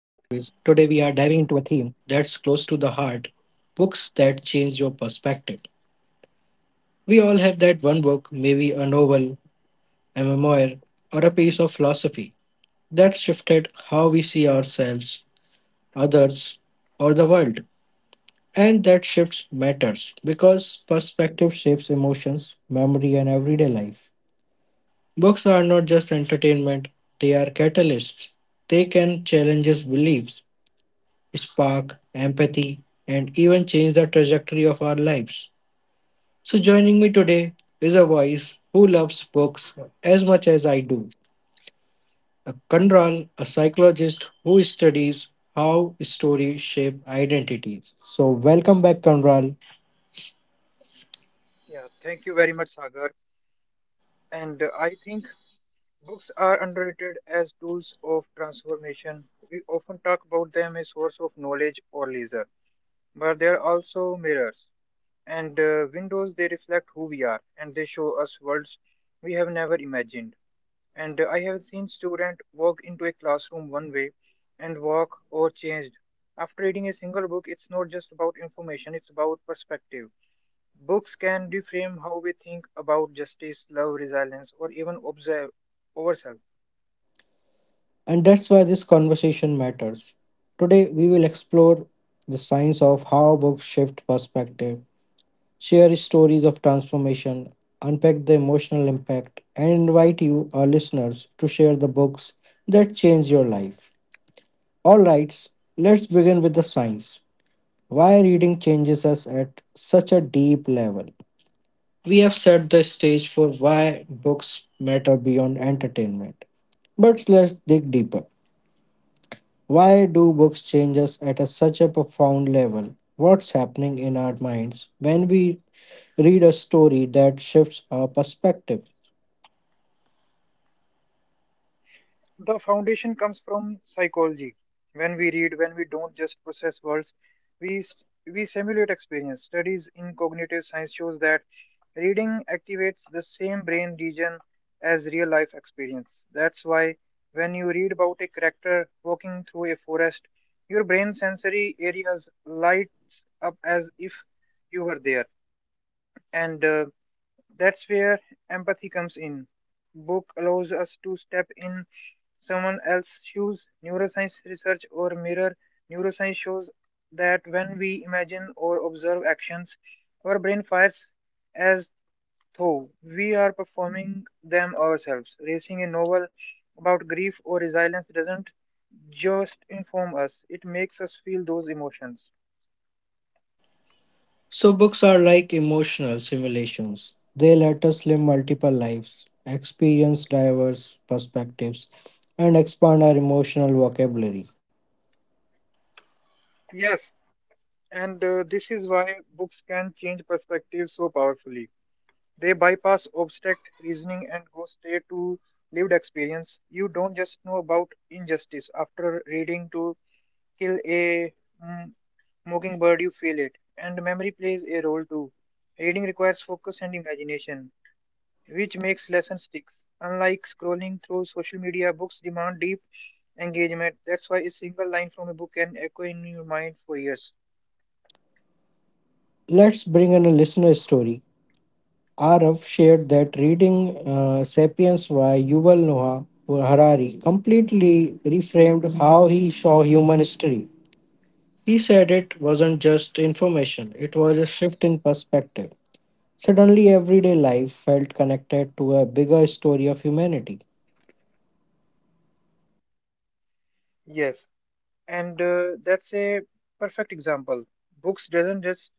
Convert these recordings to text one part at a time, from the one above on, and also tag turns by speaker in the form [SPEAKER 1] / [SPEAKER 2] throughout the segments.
[SPEAKER 1] that's close to the heart books that change your perspective. We all have that one book, maybe a novel, a memoir, or a piece of philosophy that shifted how we see ourselves, others, or the world. And that shift matters because perspective shapes emotions, memory, and everyday life. Books are not just entertainment, they are catalysts. They can challenge us beliefs, spark empathy, and even change the trajectory of our lives. So, joining me today is a voice who loves books as much as I do. A Kandral, a psychologist who studies how stories shape identities. So, welcome back, Kandral.
[SPEAKER 2] Yeah, thank you very much, Sagar. And I think books are underrated as tools of transformation. We often talk about them as source of knowledge or leisure, but they are also mirrors and windows. They reflect who we are, and they show us worlds we have never imagined. And I have seen students walk into a classroom one way and walk or changed after reading a single book. It's not just about information; it's about perspective. Books can reframe how we think about justice, love, resilience, or even observe ourselves.
[SPEAKER 1] And that's why this conversation matters. Today, we will explore the science of how books shift perspective share stories of transformation, unpack the emotional impact, and invite you, our listeners, to share the books that change your life. Alright, let's begin with the science. Why reading changes us at such a deep level? We have set the stage for why books matter beyond entertainment. But let's dig deeper. Why do books change us at such a profound level? What's happening in our minds when we read a story that shifts our perspective.
[SPEAKER 2] The foundation comes from psychology. When we read, when we don't just process words, we s- we simulate experience. Studies in cognitive science shows that reading activates the same brain region as real life experience. That's why when you read about a character walking through a forest, your brain sensory areas lights up as if you were there. And That's where empathy comes in. Book allows us to step in someone else's shoes. Neuroscience research or mirror neuroscience shows that when we imagine or observe actions, our brain fires as though we are performing them ourselves. Racing a novel about grief or resilience doesn't just inform us, it makes us feel those emotions.
[SPEAKER 1] So, books are like emotional simulations. They let us live multiple lives, experience diverse perspectives, and expand our emotional vocabulary.
[SPEAKER 2] Yes, and this is why books can change perspectives so powerfully. They bypass abstract reasoning and go straight to lived experience. You don't just know about injustice. After reading To Kill a mm, Mockingbird, you feel it. And memory plays a role too. Reading requires focus and imagination, which makes lessons sticks. Unlike scrolling through social media, books demand deep engagement. That's why a single line from a book can echo in your mind for years.
[SPEAKER 1] Let's bring in a listener story. Arav shared that reading Sapiens by Yuval Noah Harari completely reframed how he saw human history. He said it wasn't just information, it was a shift in perspective. Suddenly, everyday life felt connected to a bigger story of humanity.
[SPEAKER 2] Yes, and that's a perfect example. Books doesn't just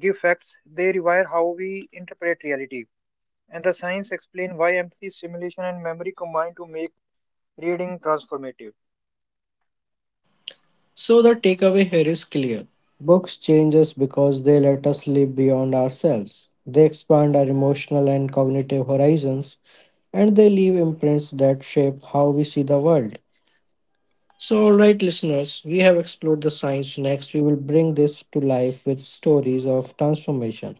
[SPEAKER 2] give facts, they rewire how we interpret reality. And the science explain why empathy, simulation, and memory combine to make reading transformative.
[SPEAKER 1] So the takeaway here is clear. Books change us because they let us live beyond ourselves. They expand our emotional and cognitive horizons, and they leave imprints that shape how we see the world. So, alright, listeners, we have explored the science. Next, we will bring this to life with stories of transformation,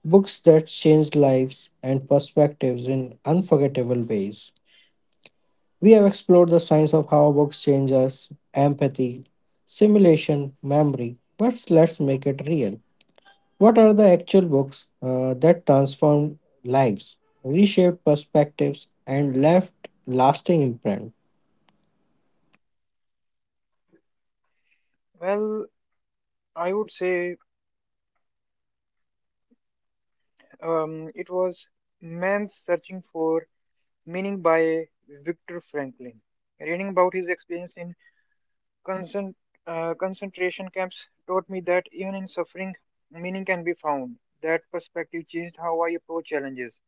[SPEAKER 1] books that changed lives and perspectives in unforgettable ways. We have explored the science of how books change us, empathy, simulation, memory, but let's make it real. What are the actual books that transformed lives, reshaped perspectives, and left lasting imprint?
[SPEAKER 2] Well, I would say it was Man's Searching for Meaning by Viktor Franklin. Reading about his experience in concent- concentration camps taught me that even in suffering, meaning can be found. That perspective changed how I approach challenges.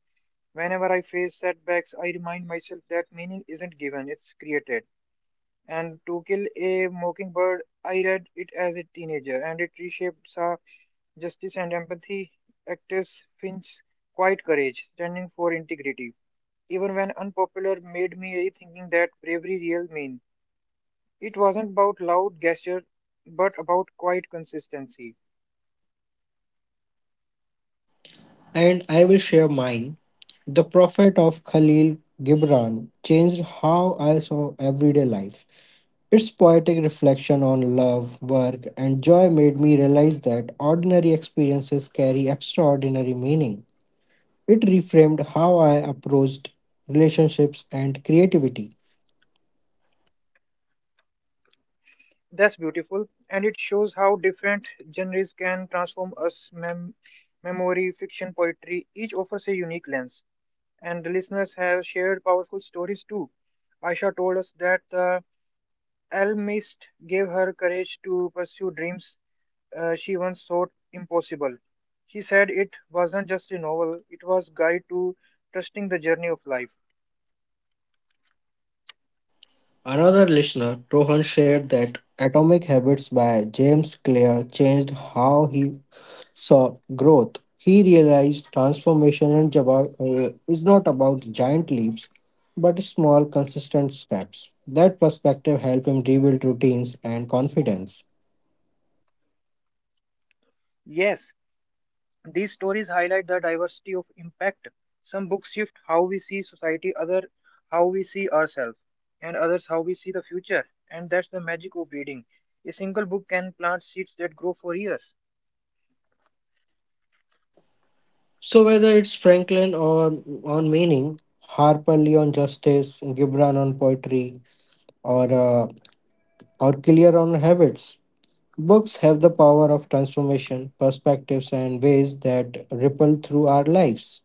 [SPEAKER 2] Whenever I face setbacks, I remind myself that meaning isn't given, it's created. And To Kill a Mockingbird, I read it as a teenager, and it reshapes our justice and empathy. Actress Finch's quiet courage, standing for integrity, even when unpopular, made me rethinking that bravery real mean. It wasn't about loud gesture, but about quiet consistency.
[SPEAKER 1] And I will share mine. The Prophet of Khalil Gibran changed how I saw everyday life. Its poetic reflection on love, work, and joy made me realize that ordinary experiences carry extraordinary meaning. It reframed how I approached relationships and creativity.
[SPEAKER 2] That's beautiful, and it shows how different genres can transform us. Memory, fiction, poetry, each offers a unique lens, and the listeners have shared powerful stories too. Aisha told us that the alchemist gave her courage to pursue dreams she once thought impossible. She said it wasn't just a novel; it was guide to trusting the journey of life.
[SPEAKER 1] Another listener, Rohan, shared that Atomic Habits by James Clear changed how he saw growth. He realized transformation is not about giant leaps, but small, consistent steps. That perspective helped him rebuild routines and confidence.
[SPEAKER 2] Yes, these stories highlight the diversity of impact. Some books shift how we see society, other how we see ourselves, and others how we see the future. And that's the magic of reading. A single book can plant seeds that grow for years.
[SPEAKER 1] So, whether it's Franklin or on meaning, Harper Lee on justice, Gibran on poetry, or uh, or clear on habits. Books have the power of transformation, perspectives, and ways that ripple through our lives.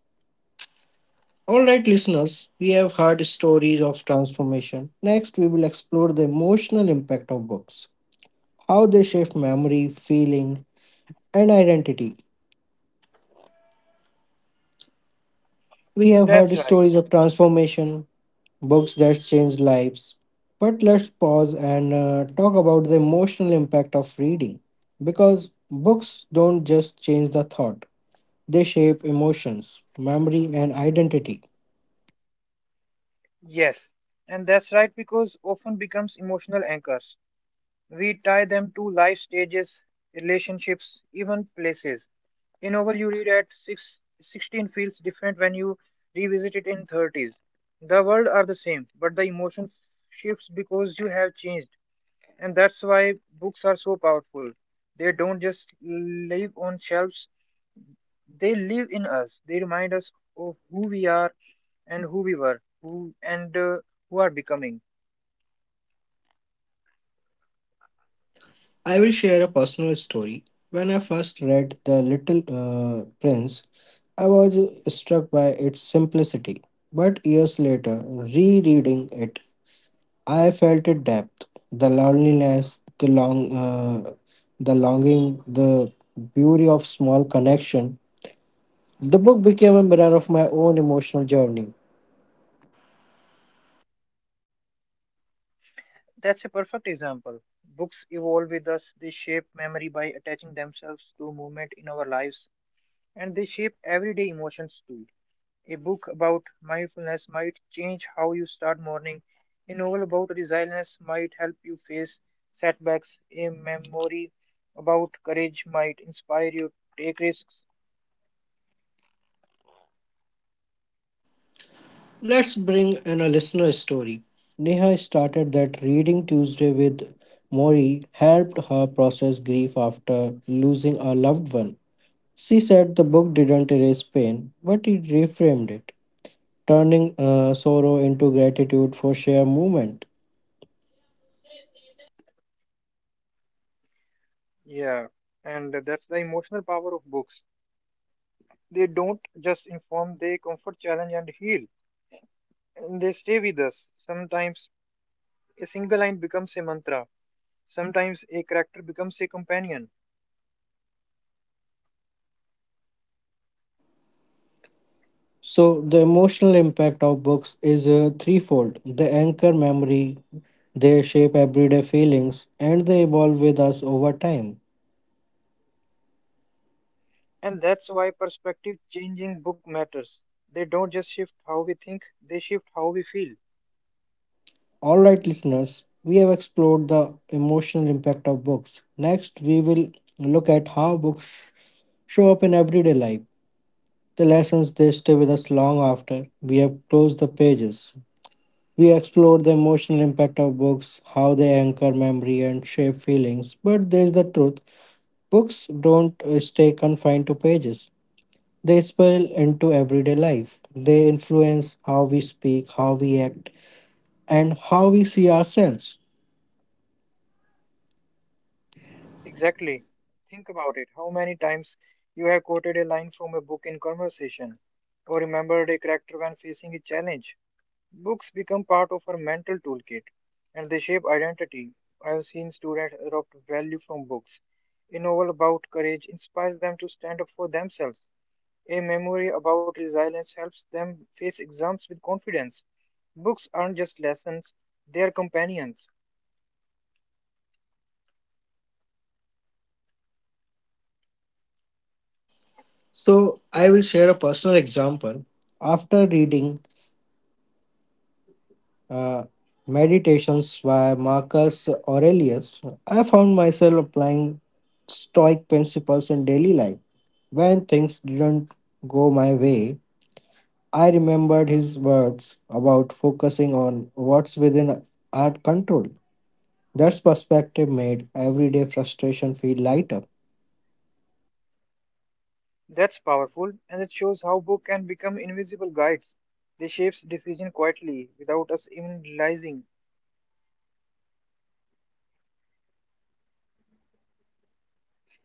[SPEAKER 1] All right, listeners, we have heard stories of transformation. Next, we will explore the emotional impact of books, how they shape memory, feeling, and identity. We have
[SPEAKER 2] That's
[SPEAKER 1] heard
[SPEAKER 2] right.
[SPEAKER 1] stories of transformation, books that change lives. But let's pause and talk about the emotional impact of reading because books don't just change the thought they shape emotions, memory, and identity.
[SPEAKER 2] Yes. And that's right because often becomes emotional anchors. We tie them to life stages, relationships, even places. A novel you read at six, 16 feels different when you revisit it in 30s. The world are the same, but the emotion shifts because you have changed. And that's why books are so powerful. They don't just live on shelves, they live in us. They remind us of who we are and who we were, who are becoming.
[SPEAKER 1] I will share a personal story. When I first read The Little Prince, I was struck by its simplicity. But years later, rereading it, I felt its depth, the loneliness, the longing, the beauty of small connection. The book became a mirror of my own emotional journey.
[SPEAKER 2] That's a perfect example. Books evolve with us, they shape memory by attaching themselves to movement in our lives, and they shape everyday emotions too. A book about mindfulness might change how you start morning, a novel about resilience might help you face setbacks, a memory about courage might inspire you to take risks.
[SPEAKER 1] Let's bring in a listener story. Neha started that reading Tuesday with Mori helped her process grief after losing a loved one. She said the book didn't erase pain, but it reframed it, turning sorrow into gratitude for sheer movement.
[SPEAKER 2] Yeah, and that's the emotional power of books. They don't just inform, they comfort, challenge, and heal and they stay with us. Sometimes a single line becomes a mantra. Sometimes a character becomes a companion.
[SPEAKER 1] So, the emotional impact of books is threefold they anchor memory, they shape everyday feelings, and they evolve with us over time.
[SPEAKER 2] And that's why perspective change in book matters. They don't just shift how we think, they shift how we feel.
[SPEAKER 1] Alright, listeners, we have explored the emotional impact of books. Next, we will look at how show up in everyday life, the lessons they stay with us long after we have closed the pages. We explored the emotional impact of books, how they anchor memory and shape feelings. But there's the truth books don't stay confined to pages, they spill into everyday life. They influence how we speak, how we act, and how we see ourselves.
[SPEAKER 2] Exactly. Think about it. How many times you have quoted a line from a book in conversation or remembered a character when facing a challenge. Books become part of our mental toolkit and they shape identity. I have seen students adopt value from books. A novel about courage inspires them to stand up for themselves. A memory about resilience helps them face exams with confidence. Books aren't just lessons, they are companions.
[SPEAKER 1] So, I will share a personal example. After reading uh, Meditations by Marcus Aurelius, I found myself applying Stoic principles in daily life. When things didn't go my way, I remembered his words about focusing on what's within our control. That perspective made everyday frustration feel lighter.
[SPEAKER 2] That's powerful, and it shows how books can become invisible guides. They shape decisions quietly, without us even realizing.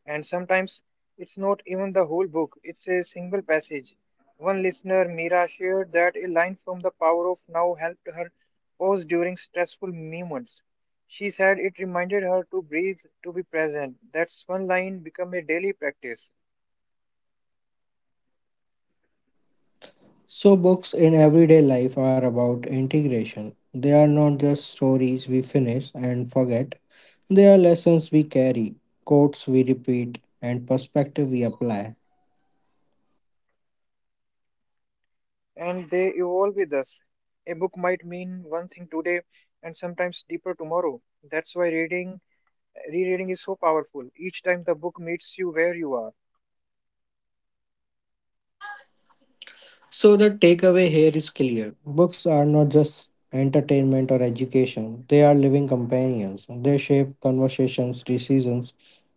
[SPEAKER 2] And sometimes it's not even the whole book, it's a single passage. One listener, Mira, shared that a line from The Power of Now helped her pause during stressful moments. She said it reminded her to breathe, to be present. That's one line become a daily practice,
[SPEAKER 1] So, books in everyday life are about integration. They are not just stories we finish and forget, they are lessons we carry, quotes we repeat, and perspective we apply.
[SPEAKER 2] and they evolve with us. A book might mean one thing today and sometimes deeper tomorrow. That's why reading, rereading is so powerful. Each time the book meets you where you are.
[SPEAKER 1] So, the takeaway here is clear books are not just entertainment or education, they are living companions. They shape conversations, decisions,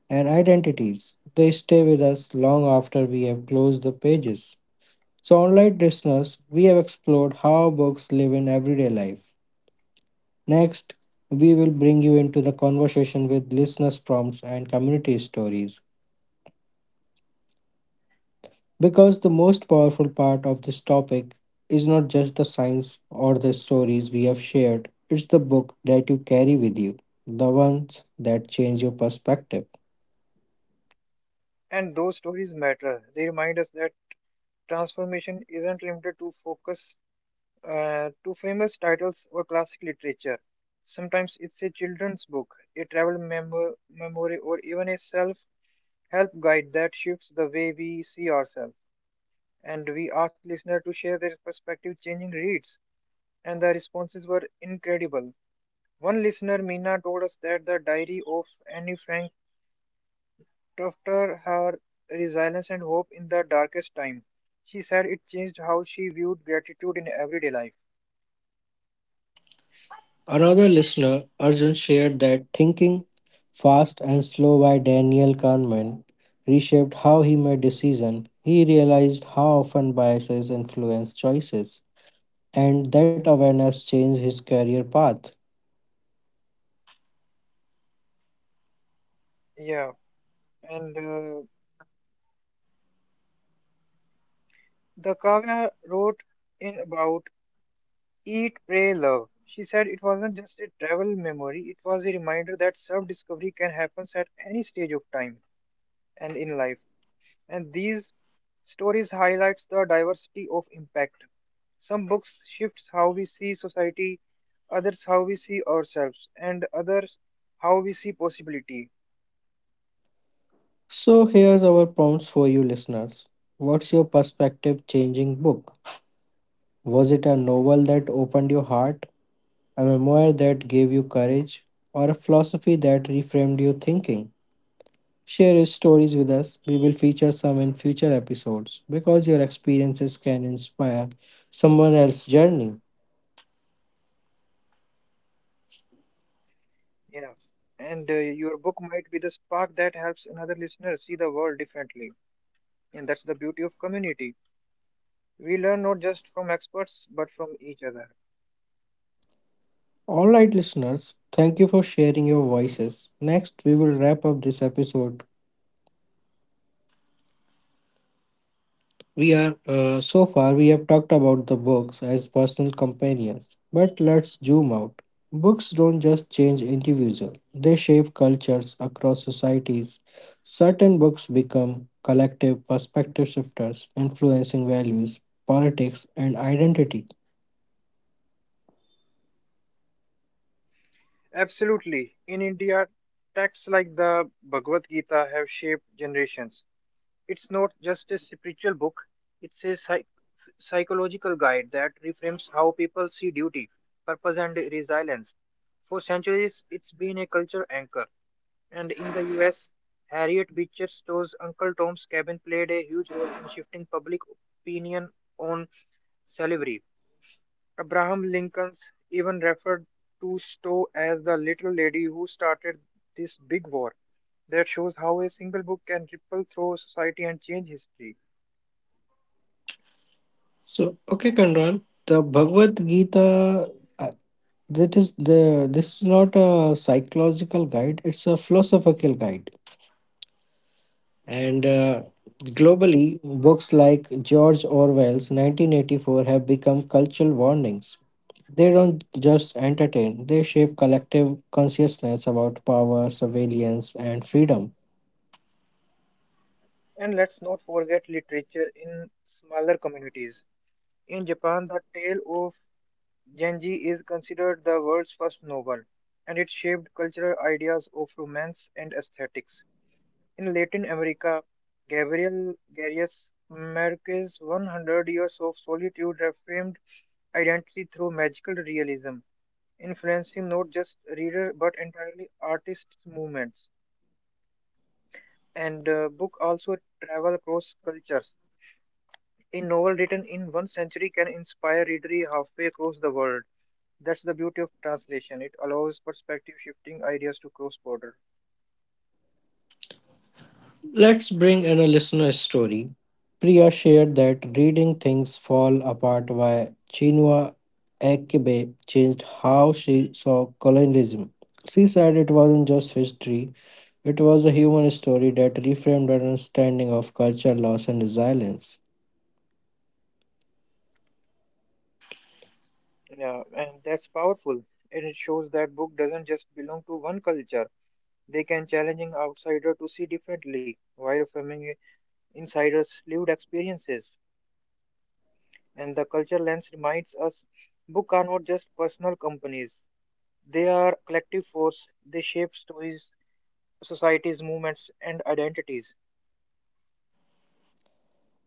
[SPEAKER 1] and identities. They stay with us long after we have closed the pages. So, online listeners, we have explored how books live in everyday life. Next, we will bring you into the conversation with listeners' prompts and community stories. Because the most powerful part of this topic is not just the science or the stories we have shared, it's the book that you carry with you, the ones that change your perspective.
[SPEAKER 2] And those stories matter. They remind us that transformation isn't limited to focus to famous titles or classic literature. Sometimes it's a children's book, a memory, or even a self-help guide that shifts the way we see ourselves. And we asked listeners to share their perspective changing reads, and the responses were incredible. One listener, Mina, told us that the diary of Annie Frank after her resilience and hope in the darkest time. She said it changed how she viewed gratitude in everyday life.
[SPEAKER 1] Another listener, Arjun, shared that Thinking Fast and Slow by Daniel Kahneman reshaped how he made decisions. He realized how often biases influence choices, and that awareness changed his career path.
[SPEAKER 2] Yeah, and the Kavya wrote in about Eat, Pray, Love. She said it wasn't just a travel memory, it was a reminder that self-discovery can happen at any stage of time and in life. And these stories highlights the diversity of impact. Some books shifts how we see society, others how we see ourselves, and others how we see possibility.
[SPEAKER 1] So, here's our prompts for you listeners. What's your perspective changing book? Was it a novel that opened your heart, a memoir that gave you courage, or a philosophy that reframed your thinking? Share your stories with us. We will feature some in future episodes because your experiences can inspire someone else's journey.
[SPEAKER 2] Yeah. And your book might be the spark that helps another listener see the world differently. And that's the beauty of community. We learn not just from experts but from each other.
[SPEAKER 1] All right, listeners, thank you for sharing your voices. Next, we will wrap up this episode. We are so far we have talked about the books as personal companions, but let's zoom out. Books don't just change individuals; they shape cultures across societies. Certain books become collective perspective shifters, influencing values, politics, and identity.
[SPEAKER 2] Absolutely. In India, texts like the Bhagavad Gita have shaped generations. It's not just a spiritual book, it's a psychological guide that reframes how people see duty, purpose, and resilience. For centuries, it's been a culture anchor. And in the US, Harriet Beecher Stowe's Uncle Tom's Cabin played a huge role in shifting public opinion on slavery. Abraham Lincoln's even referred to Stowe as the little lady who started this big war. That shows how a single book can ripple through society and change history.
[SPEAKER 1] So, okay, Kanran, the Bhagavad Gita. Uh, That is the This is not a psychological guide; it's a philosophical guide. And Globally, books like George Orwell's 1984 have become cultural warnings. They don't just entertain, they shape collective consciousness about power, surveillance, and freedom.
[SPEAKER 2] And let's not forget literature in smaller communities. In Japan, the tale of Genji is considered the world's first novel, and it shaped cultural ideas of romance and aesthetics. In Latin America, Gabriel Garcias Marquez's 100 Years of Solitude reframed identity through magical realism, influencing not just reader but entirely artists' movements. And book also travel across cultures. A novel written in one century can inspire readery halfway across the world. That's the beauty of translation. It allows perspective shifting ideas to cross border.
[SPEAKER 1] Let's bring in a listener's story. Priya shared that reading Things Fall Apart by Chinua Achebe changed how she saw colonialism. She said it wasn't just history, it was a human story that reframed our understanding of culture loss and resilience.
[SPEAKER 2] Yeah, and that's powerful. And it shows that book doesn't just belong to one culture. They can challenge an outsider to see differently while affirming insiders' lived experiences. And the culture lens reminds us books are not just personal companies, they are collective force. They shape stories, societies, movements, and identities.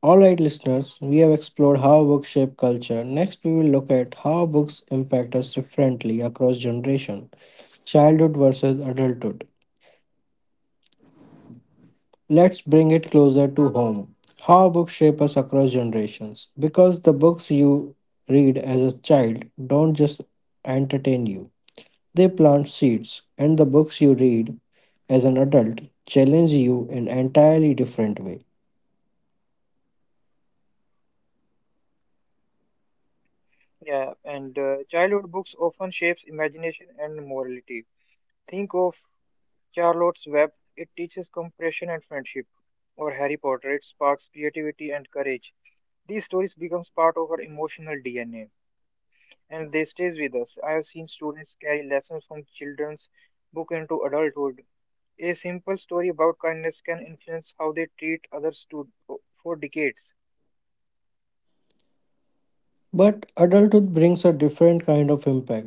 [SPEAKER 1] Alright, listeners, we have explored how books shape culture. Next, we will look at how books impact us differently across generation, childhood versus adulthood. Let's bring it closer to home. How books shape us across generations. Because the books you read as a child don't just entertain you, they plant seeds, and the books you read as an adult challenge you in an entirely different way.
[SPEAKER 2] Yeah, and childhood books often shapes imagination and morality. Think of Charlotte's Web, it teaches compassion and friendship, or Harry Potter, it sparks creativity and courage. These stories becomes part of our emotional DNA, and they stays with us. I have seen students carry lessons from children's book into adulthood. A simple story about kindness can influence how they treat others to, for decades.
[SPEAKER 1] But adulthood brings a different kind of impact.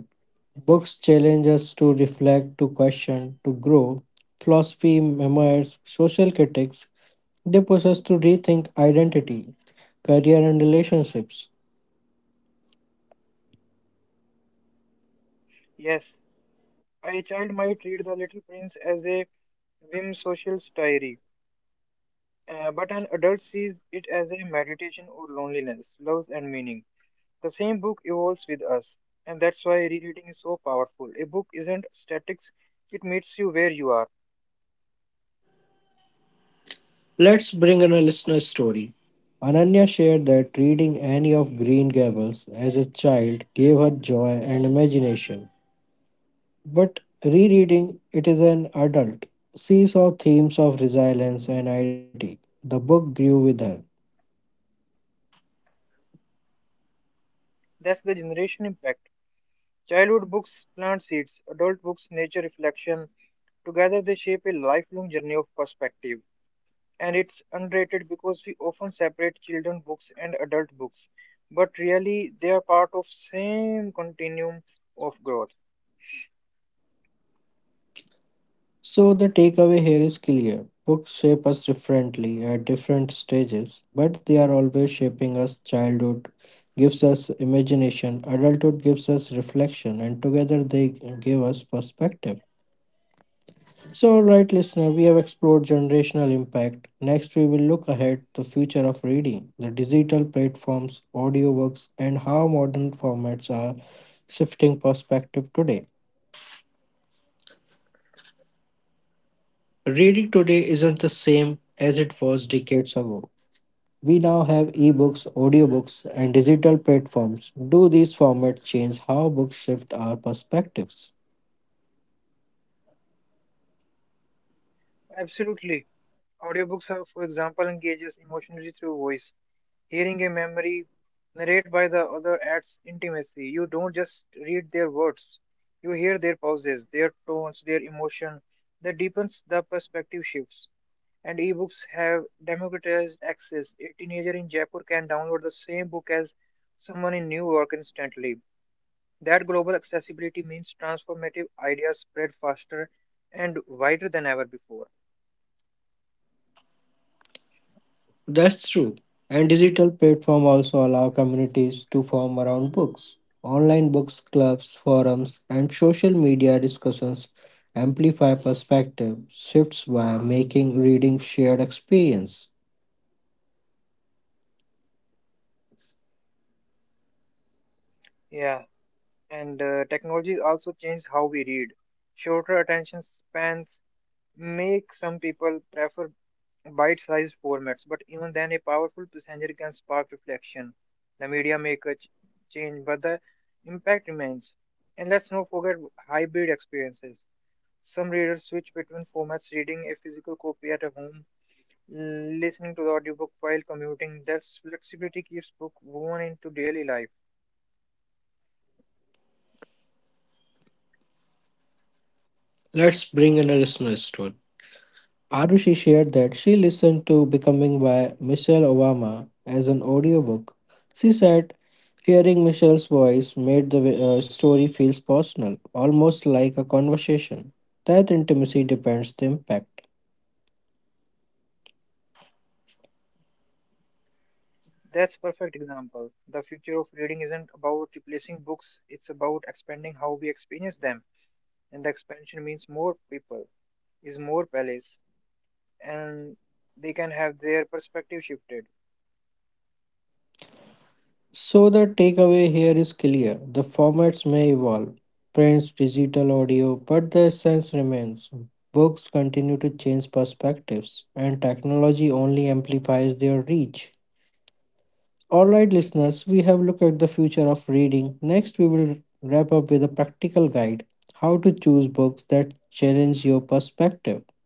[SPEAKER 1] Books challenge us to reflect, to question, to grow. Philosophy, memoirs, social critics, they push us to rethink identity, career, and relationships.
[SPEAKER 2] Yes, a child might read The Little Prince as a whim social diary, but an adult sees it as a meditation on loneliness, love, and meaning. The same book evolves with us, and that's why rereading is so powerful. A book isn't static; it meets you where you are.
[SPEAKER 1] Let's bring in a listener story. Ananya shared that reading any of Green Gables as a child gave her joy and imagination. But rereading it as an adult, she saw themes of resilience and identity. The book grew with her.
[SPEAKER 2] That's the generation impact. Childhood books plant seeds, adult books nature reflection. Together they shape a lifelong journey of perspective. And it's underrated because we often separate children books and adult books, but really they are part of same continuum of growth.
[SPEAKER 1] So the takeaway here is clear. Books shape us differently at different stages, but they are always shaping us. Childhood gives us imagination, adulthood gives us reflection, and together they give us perspective. So, right listener, we have explored generational impact. Next, we will look ahead the future of reading, the digital platforms, audiobooks, and how modern formats are shifting perspective today. Reading today isn't the same as it was decades ago. We now have ebooks, audiobooks, and digital platforms. Do these formats change how books shift our perspectives?
[SPEAKER 2] Absolutely. Audiobooks are, for example, engages emotionally through voice. Hearing a memory narrated by the other adds intimacy. You don't just read their words, you hear their pauses, their tones, their emotion. That deepens the perspective shifts. And ebooks have democratized access. A teenager in Jaipur can download the same book as someone in New York instantly. That global accessibility means transformative ideas spread faster and wider than ever before.
[SPEAKER 1] That's true. And digital platform also allow communities to form around books. Online books clubs, forums, and social media discussions amplify perspective shifts by making reading shared experience.
[SPEAKER 2] Yeah, and technology also changed how we read. Shorter attention spans, make some people prefer bite-sized formats, but even then, a powerful passenger can spark reflection. The media change, but the impact remains. And let's not forget hybrid experiences. Some readers switch between formats, reading a physical copy at a home, listening to the audiobook while commuting. That flexibility keeps book woven into daily life.
[SPEAKER 1] Let's bring in a listener story. Arushi shared that she listened to Becoming by Michelle Obama as an audiobook. She said, hearing Michelle's voice made the story feels personal, almost like a conversation. That intimacy depends the impact.
[SPEAKER 2] That's perfect example. The future of reading isn't about replacing books; it's about expanding how we experience them, and the expansion means more people is more palace and they can have their perspective shifted.
[SPEAKER 1] So the takeaway here is clear. The formats may evolve, prints, digital audio, but the essence remains. Books continue to change perspectives, and technology only amplifies their reach. Alright, listeners, we have looked at the future of reading. Next, we will wrap up with a practical guide how to choose books that challenge your perspective.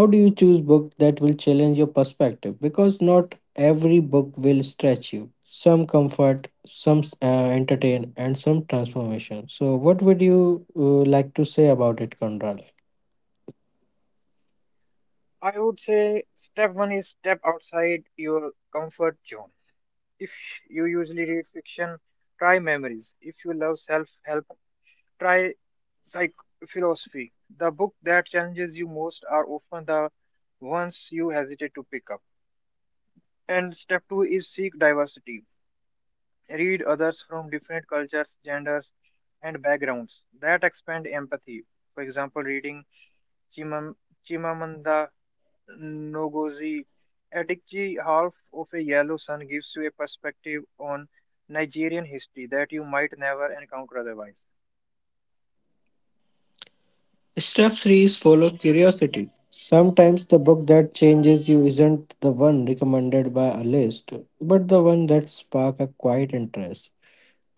[SPEAKER 1] How do you choose books that will challenge your perspective? Because not every book will stretch you. Some comfort, some entertain, and some transformation. So, what would you like to say about it, Conrad?
[SPEAKER 2] I would say step one is step outside your comfort zone. If you usually read fiction, try memories. If you love self-help, try psych philosophy. The book that challenges you most are often the ones you hesitate to pick up. And step two is seek diversity. Read others from different cultures, genders, and backgrounds that expand empathy. For example, reading Chimam- Chimamanda Ngozi Adichie Half of a Yellow Sun gives you a perspective on Nigerian history that you might never encounter otherwise.
[SPEAKER 1] Step 3 follow curiosity. Sometimes the book that changes you isn't the one recommended by a list, but the one that spark a quiet interest.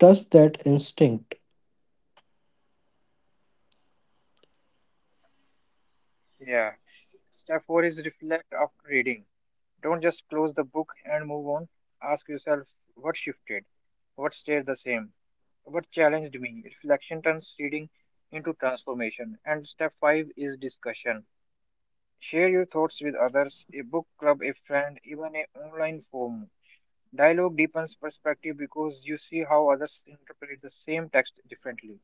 [SPEAKER 1] Trust that instinct.
[SPEAKER 2] Yeah. Step 4 is reflect after reading. Don't just close the book and move on. Ask yourself what shifted, what stayed the same, what challenged me. Reflection turns reading into transformation. And step 5 is discussion. Share your thoughts with others, a book club, a friend, even an online forum. Dialogue deepens perspective because you see how others interpret the same text differently.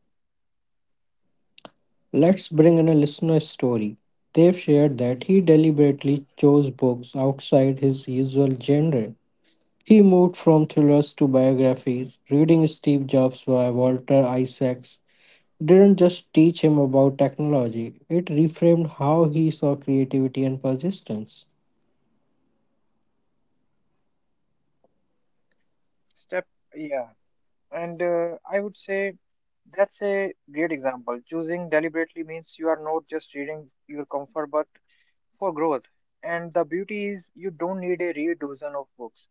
[SPEAKER 1] Let's bring in a listener's story. They've shared that he deliberately chose books outside his usual genre. He moved from thrillers to biographies, reading Steve Jobs by Walter Isaacs didn't just teach him about technology, it reframed how he saw creativity and persistence.
[SPEAKER 2] Step yeah. And I would say that's a great example. Choosing deliberately means you are not just reading your comfort but for growth. And the beauty is you don't need a real dozen of books.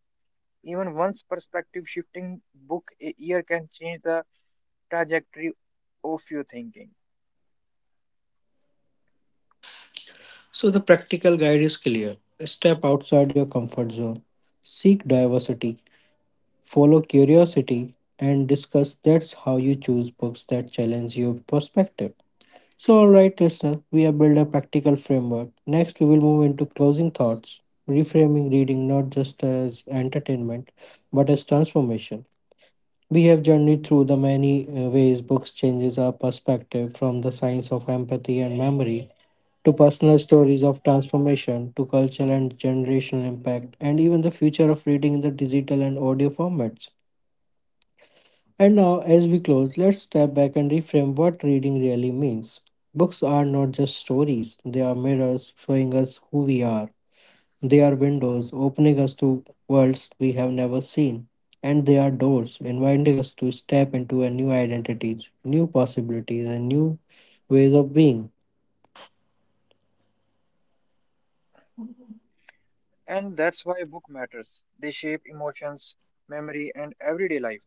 [SPEAKER 2] Even one's perspective shifting book a year can change the trajectory of your thinking.
[SPEAKER 1] So the practical guide is clear step outside your comfort zone, seek diversity, follow curiosity, and discuss that's how you choose books that challenge your perspective. So, alright, listener, we have built a practical framework. Next, we will move into closing thoughts, reframing reading not just as entertainment but as transformation. We have journeyed through the many ways books changes our perspective from the science of empathy and memory to personal stories of transformation to cultural and generational impact and even the future of reading in the digital and audio formats. And now, as we close, let's step back and reframe what reading really means. Books are not just stories, they are mirrors showing us who we are. They are windows opening us to worlds we have never seen, and they are doors inviting us to step into a new identities, new possibilities, and new ways of being.
[SPEAKER 2] And that's why book matters. They shape emotions, memory, and everyday life.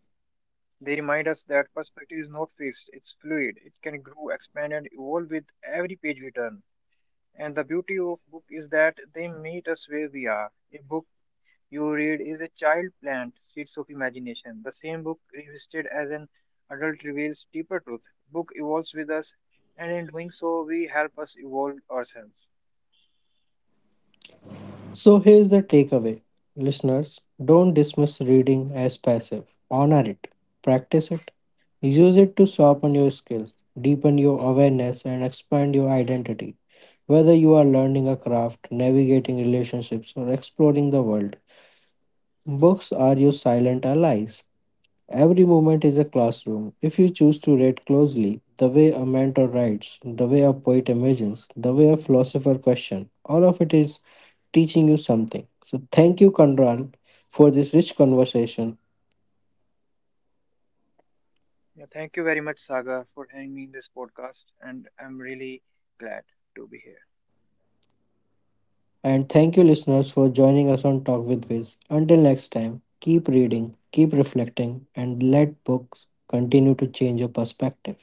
[SPEAKER 2] They remind us that perspective is not fixed, it's fluid. It can grow, expand, and evolve with every page we turn. And the beauty of book is that they meet us where we are. A book you read is a child plant seeds of imagination. The same book revisited as an adult reveals deeper truth. Book evolves with us, and in doing so, we help us evolve ourselves.
[SPEAKER 1] So here's the takeaway. Listeners, don't dismiss reading as passive. Honor it. Practice it. Use it to sharpen your skills, deepen your awareness, and expand your identity. Whether you are learning a craft, navigating relationships, or exploring the world, books are your silent allies. Every moment is a classroom. If you choose to read closely, the way a mentor writes, the way a poet imagines, the way a philosopher questions, all of it is teaching you something. So thank you, Kandran, for this rich conversation.
[SPEAKER 2] Yeah, thank you very much, Sagar, for having me in this podcast, and I'm really glad to be here.
[SPEAKER 1] And thank you, listeners, for joining us on Talk with Viz. Until next time, keep reading, keep reflecting, and let books continue to change your perspective.